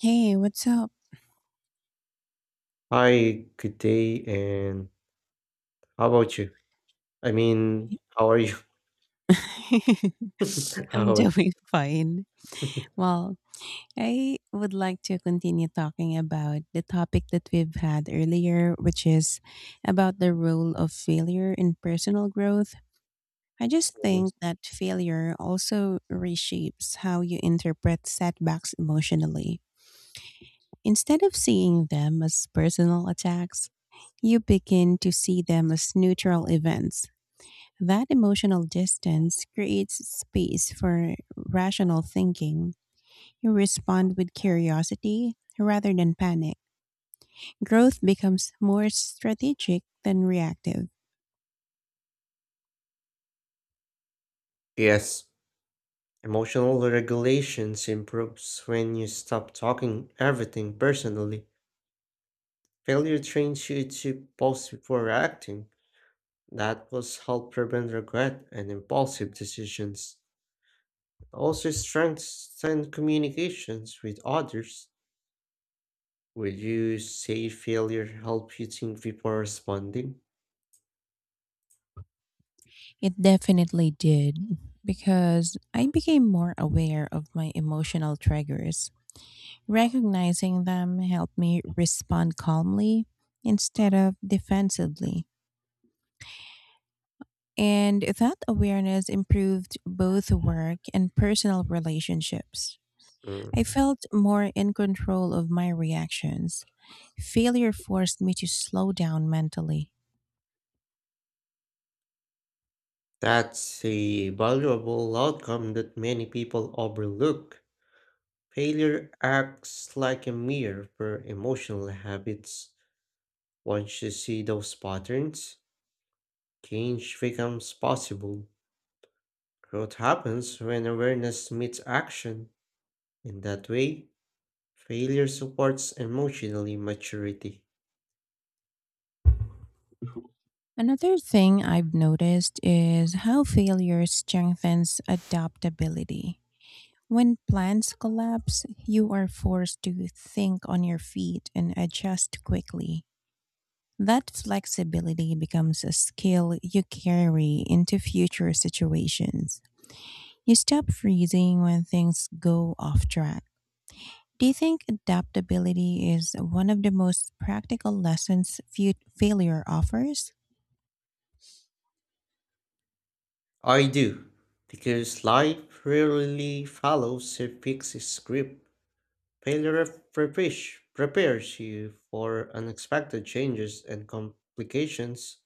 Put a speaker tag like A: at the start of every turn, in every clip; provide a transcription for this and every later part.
A: Hey, what's up?
B: Hi, good day, and how about you? I mean, how are you?
A: I'm
B: How are you
A: doing fine. Well, I would like to continue talking about the topic that we've had earlier, which is about the role of failure in personal growth. I just
B: doing?
A: think that failure also reshapes how you interpret setbacks emotionally. Instead of seeing them as personal attacks, you begin to see them as neutral events. That emotional distance creates space for rational thinking. You respond with curiosity rather than panic. Growth becomes more strategic than reactive.
B: Yes, emotional regulations improves when you stop taking everything personally. Failure trains you to pause before reacting. That will help prevent regret and impulsive decisions. Also strengthen communications with others. Will you say failure help you think before responding?
A: It definitely did because I became more aware of my emotional triggers. Recognizing them helped me respond calmly instead of defensively. And that awareness improved both work and personal relationships. I
B: Mm.
A: felt more in control of my reactions. Failure forced me to slow down mentally.
B: That's a valuable outcome that many people overlook. Failure acts like a mirror for emotional habits. Once you see those patterns, change becomes possible. Growth happens when awareness meets action. In that way, failure supports emotionally maturity.
A: Another thing I've noticed is how failure strengthens adaptability. When plans collapse, you are forced to think on your feet and adjust quickly. That flexibility becomes a skill you carry into future situations. You stop freezing when things go off track. Do you think adaptability is one of the most practical lessons failure offers?
B: I do, because life rarely follows a fixed script. Failure of prepares you for unexpected changes and complications.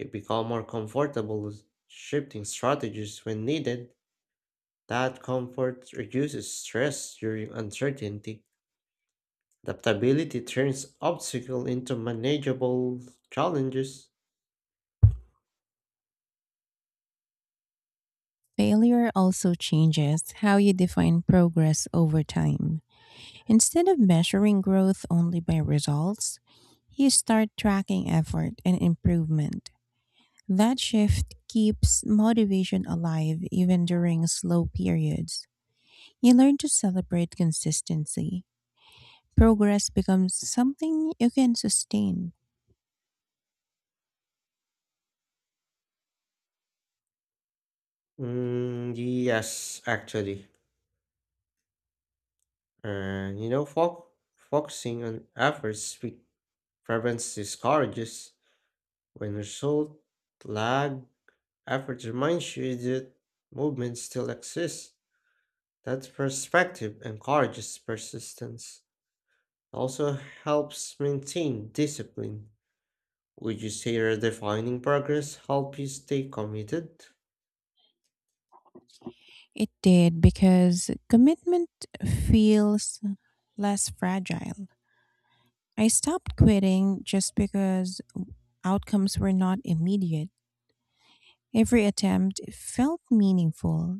B: You become more comfortable with shifting strategies when needed. That comfort reduces stress during uncertainty. Adaptability turns obstacles into manageable challenges.
A: Failure also changes how you define progress over time. Instead of measuring growth only by results, you start tracking effort and improvement. That shift keeps motivation alive even during slow periods. You learn to celebrate consistency. Progress becomes something you can sustain.
B: Mm, yes, actually. And you know, fo- Focusing on efforts prevents discourages when result lag. Effort reminds you that movement still exists. That perspective encourages persistence. Also helps maintain discipline. Would you say redefining progress helps you stay committed?
A: It did because commitment feels less fragile. I stopped quitting just because outcomes were not immediate. Every attempt felt meaningful.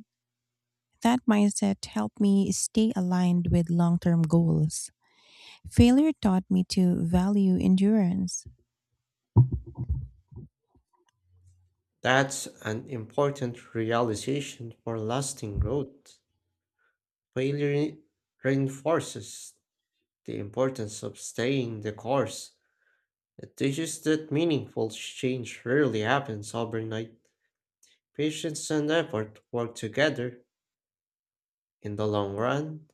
A: That mindset helped me stay aligned with long term goals. Failure taught me to value endurance.
B: That's an important realization for lasting growth. Failure reinforces the importance of staying the course. It teaches that meaningful change rarely happens overnight. Patience and effort work together. In the long run,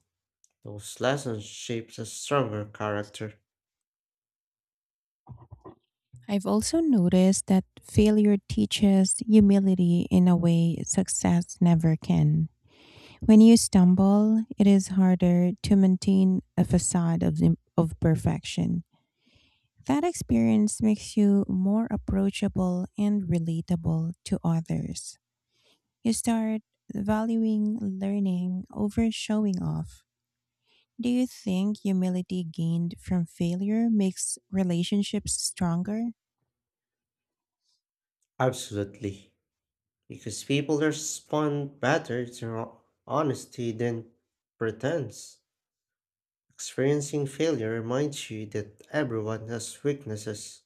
B: those lessons shape a stronger character.
A: I've also noticed that failure teaches humility in a way success never can. When you stumble, it is harder to maintain a facade of perfection. That experience makes you more approachable and relatable to others. You start valuing learning over showing off. Do you think humility gained from failure makes relationships stronger?
B: Absolutely. Because people respond better to honesty than pretense. Experiencing failure reminds you that everyone has weaknesses.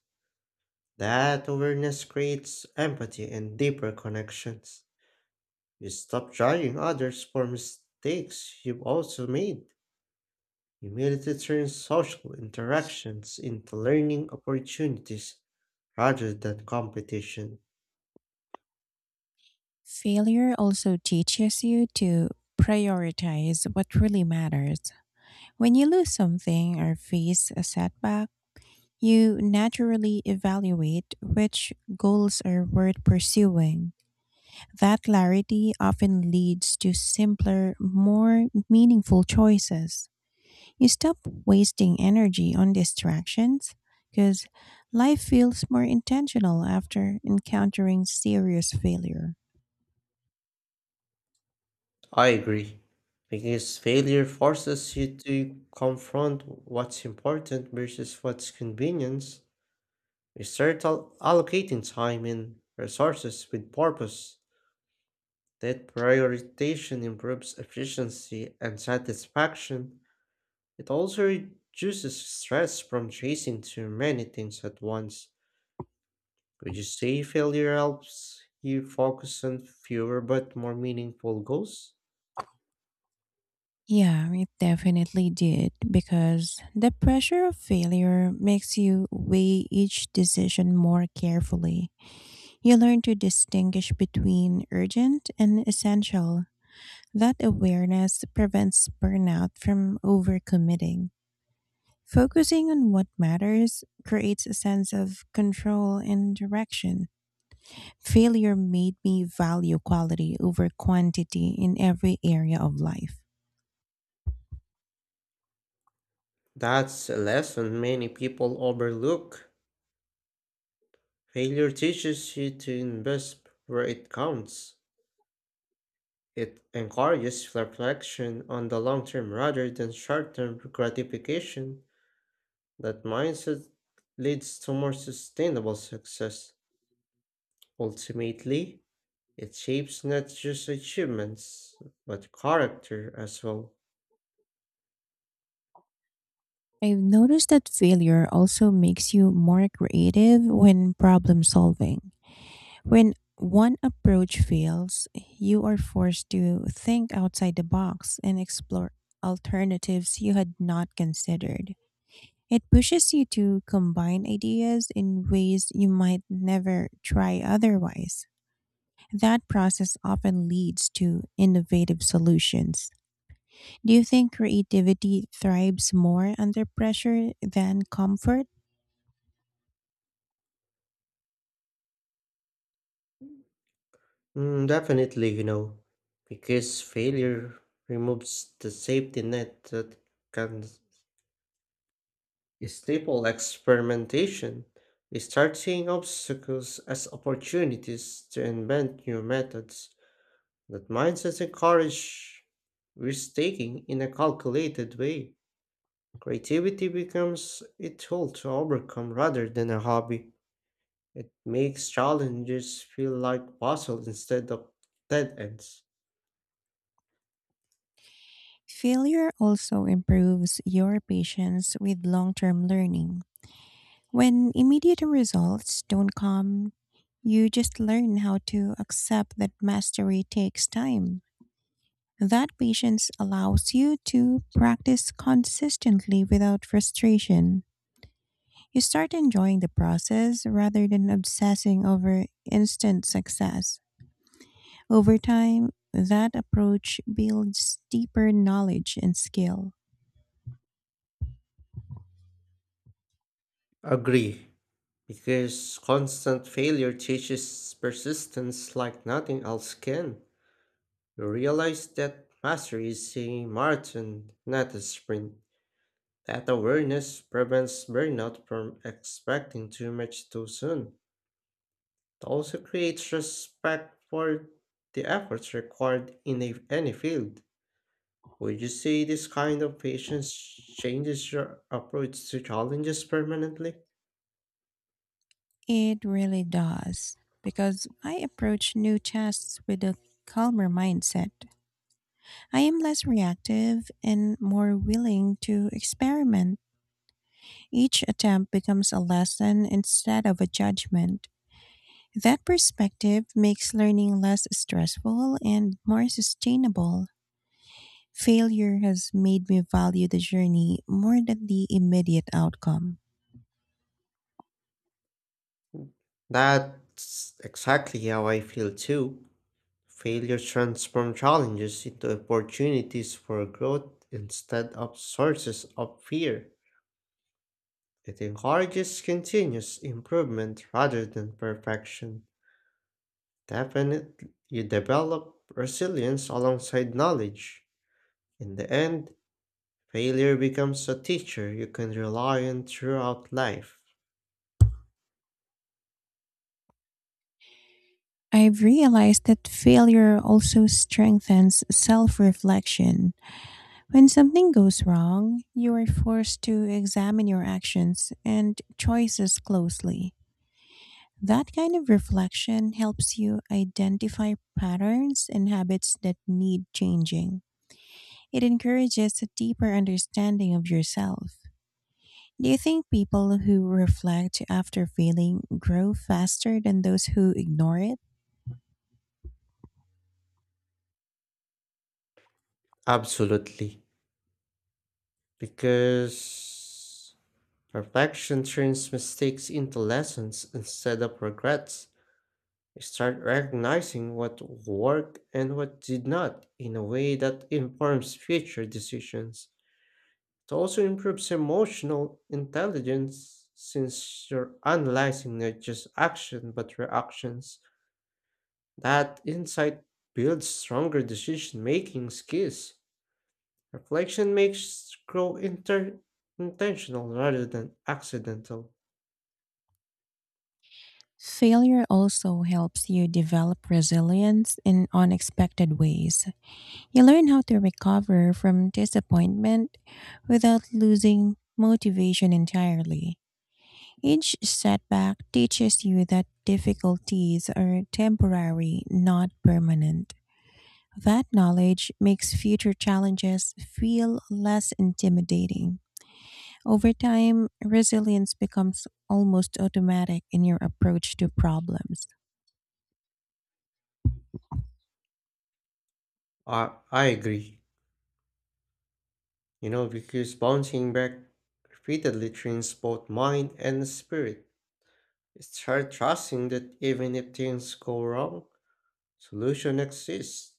B: That awareness creates empathy and deeper connections. You stop judging others for mistakes you've also made. Humility turns social interactions into learning opportunities rather than competition.
A: Failure also teaches you to prioritize what really matters. When you lose something or face a setback, you naturally evaluate which goals are worth pursuing. That clarity often leads to simpler, more meaningful choices. You stop wasting energy on distractions because life feels more intentional after encountering serious failure.
B: I agree. Because failure forces you to confront what's important versus what's convenience. We start allocating time and resources with purpose. That prioritization improves efficiency and satisfaction. It also reduces stress from chasing too many things at once. Would you say failure helps you focus on fewer but more meaningful goals?
A: Yeah, it definitely did, because the pressure of failure makes you weigh each decision more carefully. You learn to distinguish between urgent and essential. That awareness prevents burnout from overcommitting. Focusing on what matters creates a sense of control and direction. Failure made me value quality over quantity in every area of life.
B: That's a lesson many people overlook. Failure teaches you to invest where it counts. It encourages reflection on the long term rather than short term gratification. That mindset leads to more sustainable success. Ultimately, it shapes not just achievements, but character as well.
A: I've noticed that failure also makes you more creative when problem solving. When one approach fails, you are forced to think outside the box and explore alternatives you had not considered. It pushes you to combine ideas in ways you might never try otherwise. That process often leads to innovative solutions. Do you think creativity thrives more under pressure than comfort?
B: Mm, definitely, because failure removes the safety net that can stifle experimentation. We start seeing obstacles as opportunities to invent new methods. That mindset encourage risk-taking in a calculated way. Creativity becomes a tool to overcome rather than a hobby. It makes challenges feel like puzzles instead of dead ends.
A: Failure also improves your patience with long term learning. When immediate results don't come, you just learn how to accept that mastery takes time. That patience allows you to practice consistently without frustration. You start enjoying the process rather than obsessing over instant success. Over time, that approach builds deeper knowledge and skill.
B: Agree. Because constant failure teaches persistence like nothing else can. You realize that mastery is a marathon, not a sprint. That awareness prevents burnout from expecting too much too soon. It also creates respect for the efforts required in any field. Would you say this kind of patience changes your approach to challenges permanently?
A: It really does, because I approach new tasks with a calmer mindset. I am less reactive and more willing to experiment. Each attempt becomes a lesson instead of a judgment. That perspective makes learning less stressful and more sustainable. Failure has made me value the journey more than the immediate outcome.
B: That's exactly how I feel too. Failure transforms challenges into opportunities for growth instead of sources of fear. It encourages continuous improvement rather than perfection. Definitely, you develop resilience alongside knowledge. In the end, failure becomes a teacher you can rely on throughout life.
A: I've realized that failure also strengthens self reflection. When something goes wrong, you are forced to examine your actions and choices closely. That kind of reflection helps you identify patterns and habits that need changing. It encourages a deeper understanding of yourself. Do you think people who reflect after failing grow faster than those who ignore it?
B: Absolutely. Because perfection turns mistakes into lessons instead of regrets. Start recognizing what worked and what did not in a way that informs future decisions. It also improves emotional intelligence since you're analyzing not just action but reactions. That insight builds stronger decision making skills. Reflection makes growth intentional rather than accidental.
A: Failure also helps you develop resilience in unexpected ways. You learn how to recover from disappointment without losing motivation entirely. Each setback teaches you that difficulties are temporary, not permanent. That knowledge makes future challenges feel less intimidating. Over time, resilience becomes almost automatic in your approach to problems.
B: I agree. Because bouncing back repeatedly trains both mind and spirit. Start trusting that even if things go wrong, solution exists.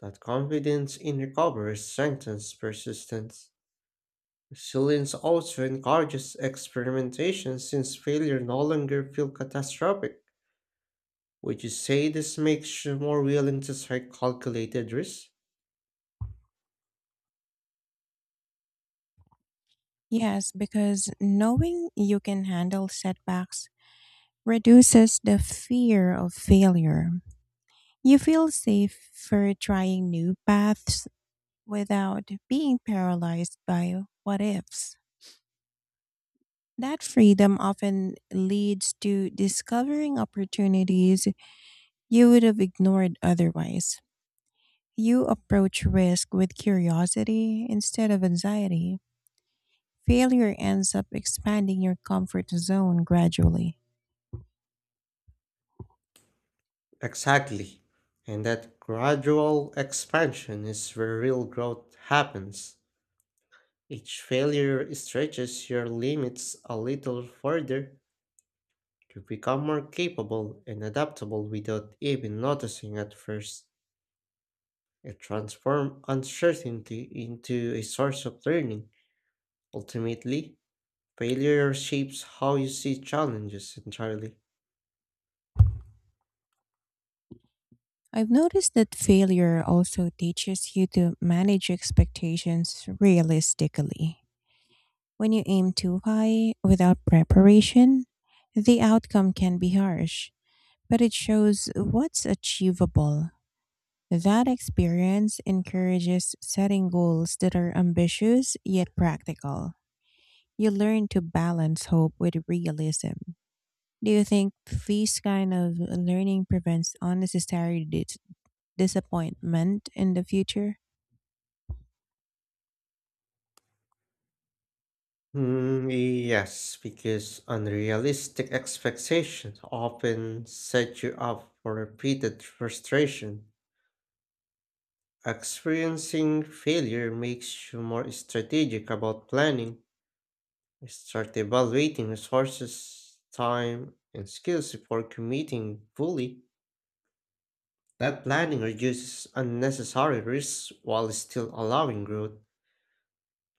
B: That confidence in recovery strengthens persistence. Resilience also encourages experimentation since failure no longer feels catastrophic. Would you say this makes you more willing to take calculated risks?
A: Yes, because knowing you can handle setbacks reduces the fear of failure. You feel safe for trying new paths without being paralyzed by what ifs. That freedom often leads to discovering opportunities you would have ignored otherwise. You approach risk with curiosity instead of anxiety. Failure ends up expanding your comfort zone gradually.
B: Exactly. And that gradual expansion is where real growth happens. Each failure stretches your limits a little further to become more capable and adaptable without even noticing at first. It transforms uncertainty into a source of learning. Ultimately, failure shapes how you see challenges entirely.
A: I've noticed that failure also teaches you to manage expectations realistically. When you aim too high without preparation, the outcome can be harsh, but it shows what's achievable. That experience encourages setting goals that are ambitious yet practical. You learn to balance hope with realism. Do you think this kind of learning prevents unnecessary disappointment in the future?
B: Hmm. Yes, because unrealistic expectations often set you up for repeated frustration. Experiencing failure makes you more strategic about planning. Start evaluating resources, time, and skills before committing fully. That planning reduces unnecessary risks while still allowing growth.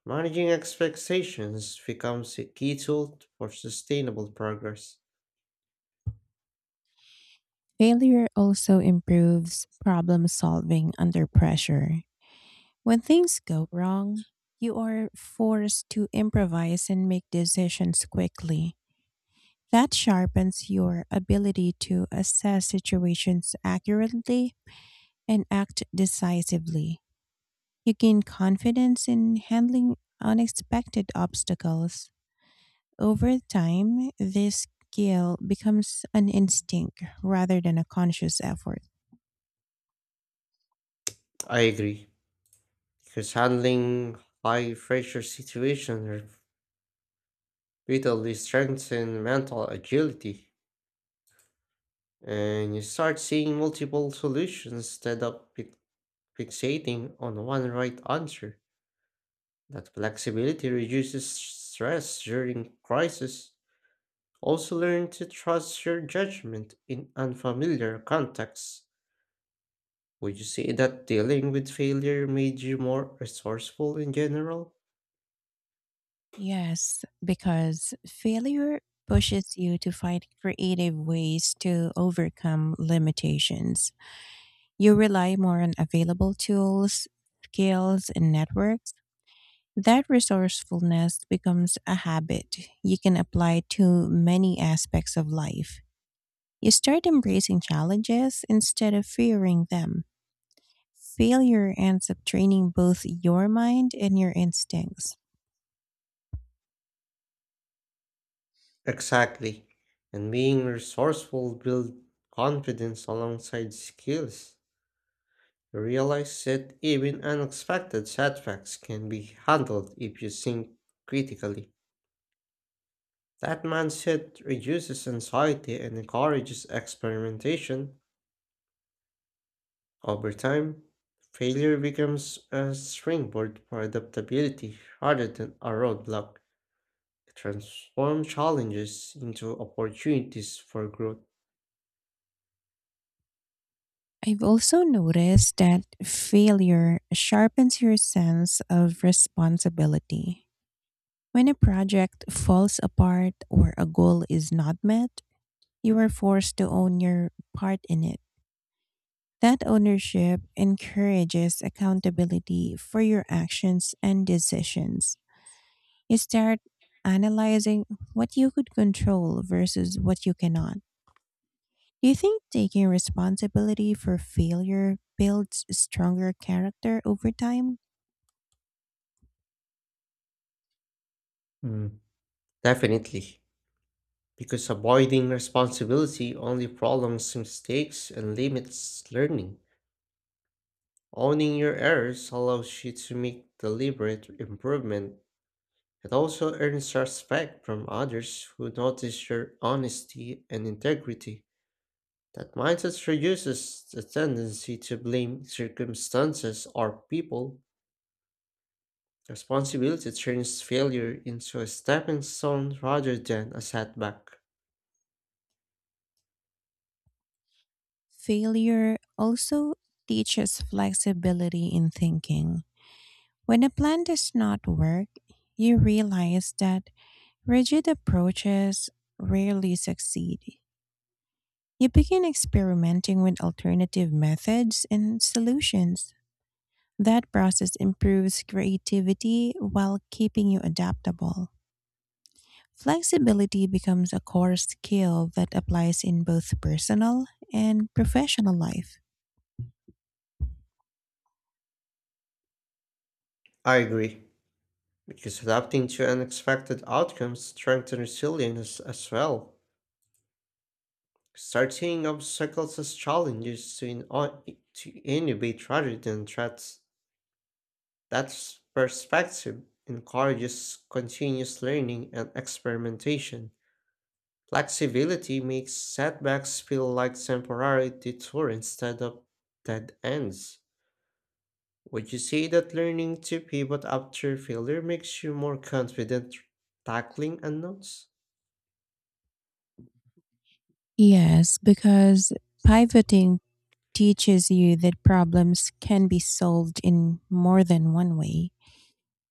B: Managing expectations becomes a key tool for sustainable progress.
A: Failure also improves problem solving under pressure. When things go wrong, you are forced to improvise and make decisions quickly. That sharpens your ability to assess situations accurately and act decisively. You gain confidence in handling unexpected obstacles. Over time, this skill becomes an instinct rather than a conscious effort.
B: I agree. Because handling high pressure situations repeatedly strengthens mental agility, and you start seeing multiple solutions instead of fixating on one right answer. That flexibility reduces stress during crisis. Also, learn to trust your judgment in unfamiliar contexts. Would you say that dealing with failure made you more resourceful in general?
A: Yes, because failure pushes you to find creative ways to overcome limitations. You rely more on available tools, skills, and networks. That resourcefulness becomes a habit you can apply to many aspects of life. You start embracing challenges instead of fearing them. Failure ends up training both your mind and your instincts.
B: Exactly. And being resourceful builds confidence alongside skills. You realize that even unexpected setbacks can be handled if you think critically. That mindset reduces anxiety and encourages experimentation. Over time, failure becomes a springboard for adaptability rather than a roadblock. It transforms challenges into opportunities for growth.
A: I've also noticed that failure sharpens your sense of responsibility. When a project falls apart or a goal is not met, you are forced to own your part in it. That ownership encourages accountability for your actions and decisions. You start analyzing what you could control versus what you cannot. Do you think taking responsibility for failure builds stronger character over time?
B: Mm. Definitely. Because avoiding responsibility only prolongs mistakes and limits learning. Owning your errors allows you to make deliberate improvement. It also earns respect from others who notice your honesty and integrity. That mindset reduces the tendency to blame circumstances or people. Responsibility turns failure into a stepping stone rather than a setback.
A: Failure also teaches flexibility in thinking. When a plan does not work, you realize that rigid approaches rarely succeed. You begin experimenting with alternative methods and solutions. That process improves creativity while keeping you adaptable. Flexibility becomes a core skill that applies in both personal and professional life.
B: I agree. Because adapting to unexpected outcomes strengthens resilience as well. Start seeing obstacles as challenges to innovate rather than threats. That perspective encourages continuous learning and experimentation. Flexibility makes setbacks feel like temporary detours instead of dead ends. Would you say that learning to pivot after failure makes you more confident tackling unknowns?
A: Yes, because pivoting teaches you that problems can be solved in more than one way.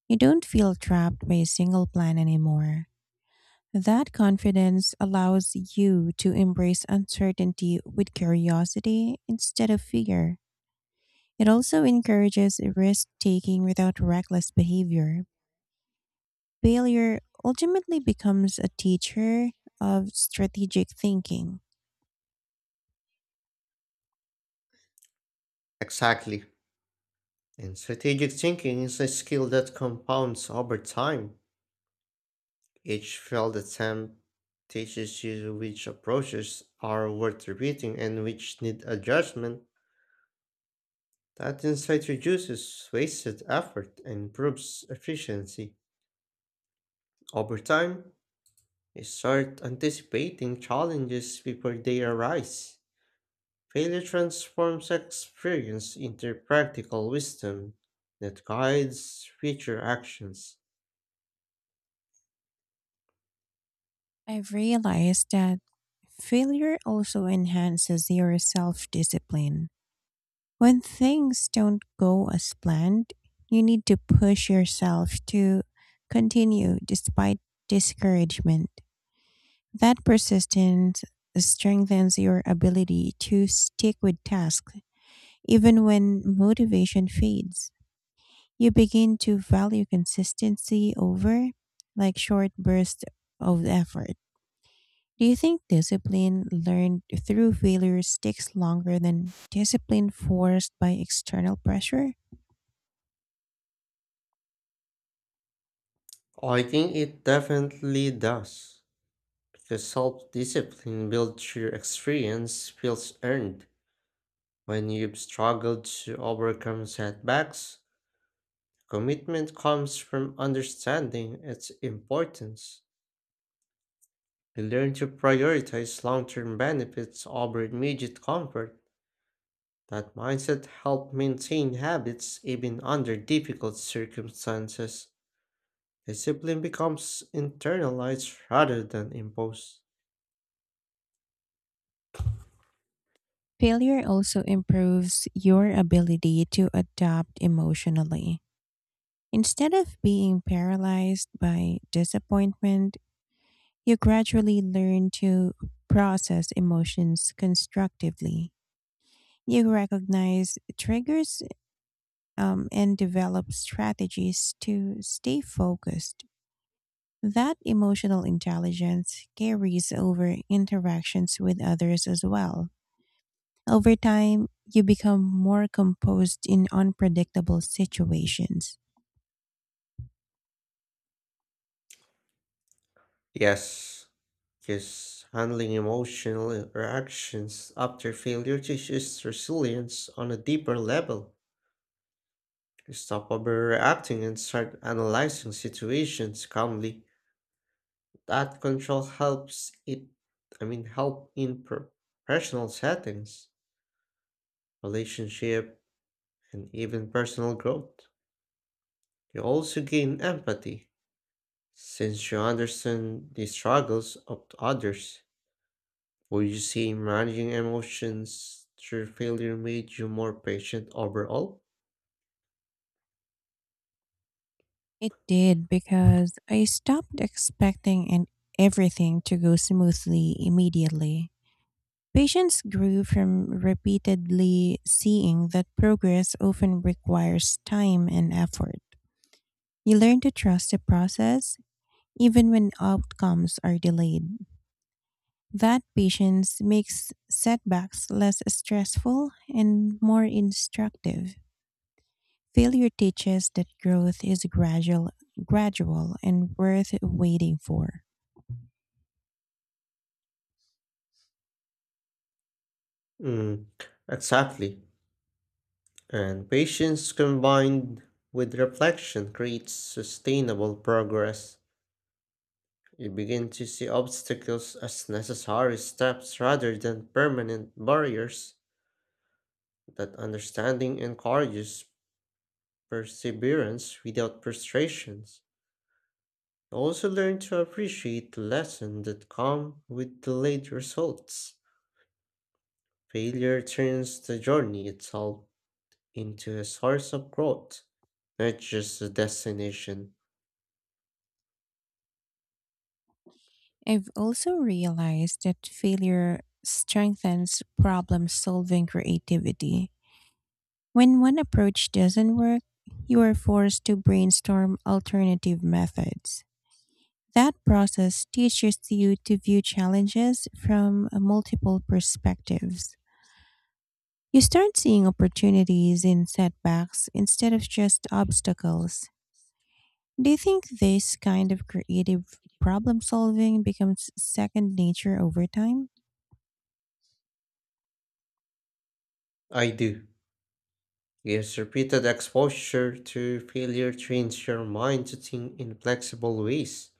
A: You don't feel trapped by a single plan anymore. That confidence allows you to embrace uncertainty with curiosity instead of fear. It also encourages risk taking without reckless behavior. Failure ultimately becomes a teacher of strategic thinking.
B: Exactly. And strategic thinking is a skill that compounds over time. Each failed attempt teaches you which approaches are worth repeating and which need adjustment. That insight reduces wasted effort and improves efficiency. Over time, you start anticipating challenges before they arise. Failure transforms experience into practical wisdom that guides future actions.
A: I've realized that failure also enhances your self discipline. When things don't go as planned, you need to push yourself to continue despite discouragement. That persistence strengthens your ability to stick with tasks even when motivation fades. You begin to value consistency over like short bursts of effort. Do you think discipline learned through failure sticks longer than discipline forced by external pressure?
B: I think it definitely does, because self discipline built through experience feels earned. When you've struggled to overcome setbacks, commitment comes from understanding its importance. You learn to prioritize long term benefits over immediate comfort. That mindset helps maintain habits even under difficult circumstances. Discipline becomes internalized rather than imposed.
A: Failure also improves your ability to adapt emotionally. Instead of being paralyzed by disappointment, you gradually learn to process emotions constructively. You recognize triggers and develop strategies to stay focused. That emotional intelligence carries over interactions with others as well. Over time, you become more composed in unpredictable situations.
B: Yes. Because handling emotional reactions after failure teaches resilience on a deeper level. You stop overreacting and start analyzing situations calmly. That control helps it, I mean, help in professional settings, relationship, and even personal growth. You also gain empathy since you understand the struggles of others. Would you say managing emotions through failure made you more patient overall?
A: It did because I stopped expecting and everything to go smoothly immediately. Patience grew from repeatedly seeing that progress often requires time and effort. You learn to trust the process even when outcomes are delayed. That patience makes setbacks less stressful and more instructive. Failure teaches that growth is gradual and worth waiting for.
B: Mm, exactly. And patience combined with reflection creates sustainable progress. You begin to see obstacles as necessary steps rather than permanent barriers. That understanding encourages perseverance without frustrations. You also learn to appreciate the lesson that come with delayed results. Failure turns the journey itself into a source of growth, not just a destination.
A: I've also realized that failure strengthens problem solving creativity. When one approach doesn't work, you are forced to brainstorm alternative methods. That process teaches you to view challenges from multiple perspectives. You start seeing opportunities in setbacks instead of just obstacles. Do you think this kind of creative problem solving becomes second nature over time?
B: I do. Yes, repeated exposure to failure trains your mind to think in flexible ways.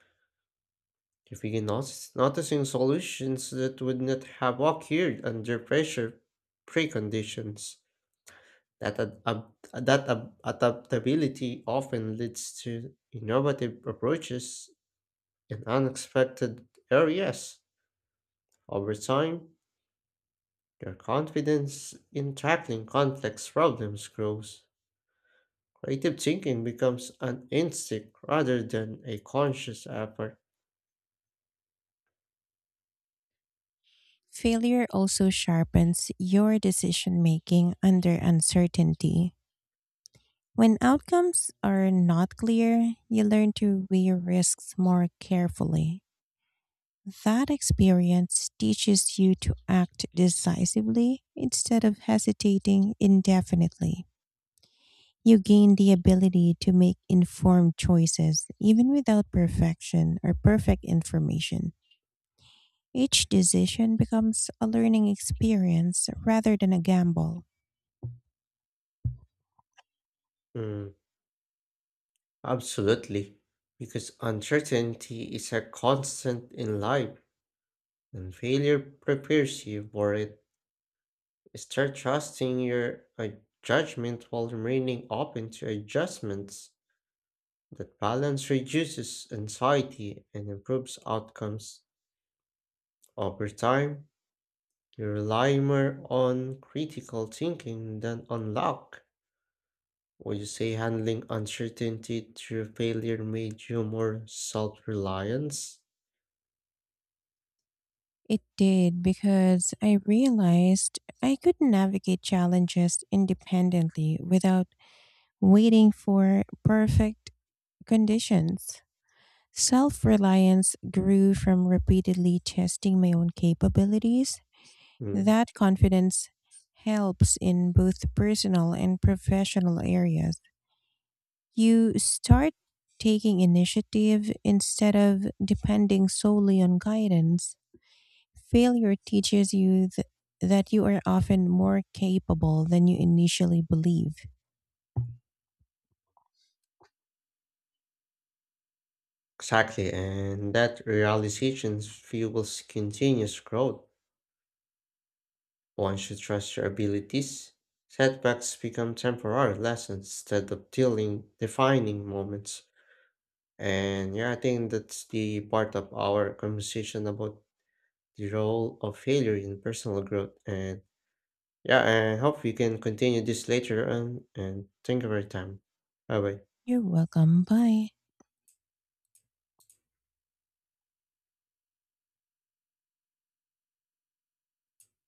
B: You begin noticing solutions that would not have occurred under pressure preconditions. That, ad, ab, that adaptability often leads to innovative approaches in unexpected areas. Over time, their confidence in tackling complex problems grows. Creative thinking becomes an instinct rather than a conscious effort.
A: Failure also sharpens your decision making under uncertainty. When outcomes are not clear, you learn to weigh risks more carefully. That experience teaches you to act decisively instead of hesitating indefinitely. You gain the ability to make informed choices even without perfection or perfect information. Each decision becomes a learning experience rather than a gamble.
B: Mm, absolutely. Because uncertainty is a constant in life, and failure prepares you for it. Start trusting your judgment while remaining open to adjustments. That balance reduces anxiety and improves outcomes over time. You rely more on critical thinking than on luck. Would you say handling uncertainty through failure made you more self reliant?
A: It did because I realized I could navigate challenges independently without waiting for perfect conditions. Self reliance grew from repeatedly testing my own capabilities. That confidence helps in both personal and professional areas. You start taking initiative instead of depending solely on guidance. Failure teaches you that you are often more capable than you initially believe.
B: Exactly, and that realization fuels continuous growth. Once you trust your abilities, setbacks become temporary lessons instead of dealing defining moments. And yeah, I think that's the part of our conversation about the role of failure in personal growth and yeah, I hope we can continue this later on and thank you for your time. Bye bye.
A: You're welcome. Bye.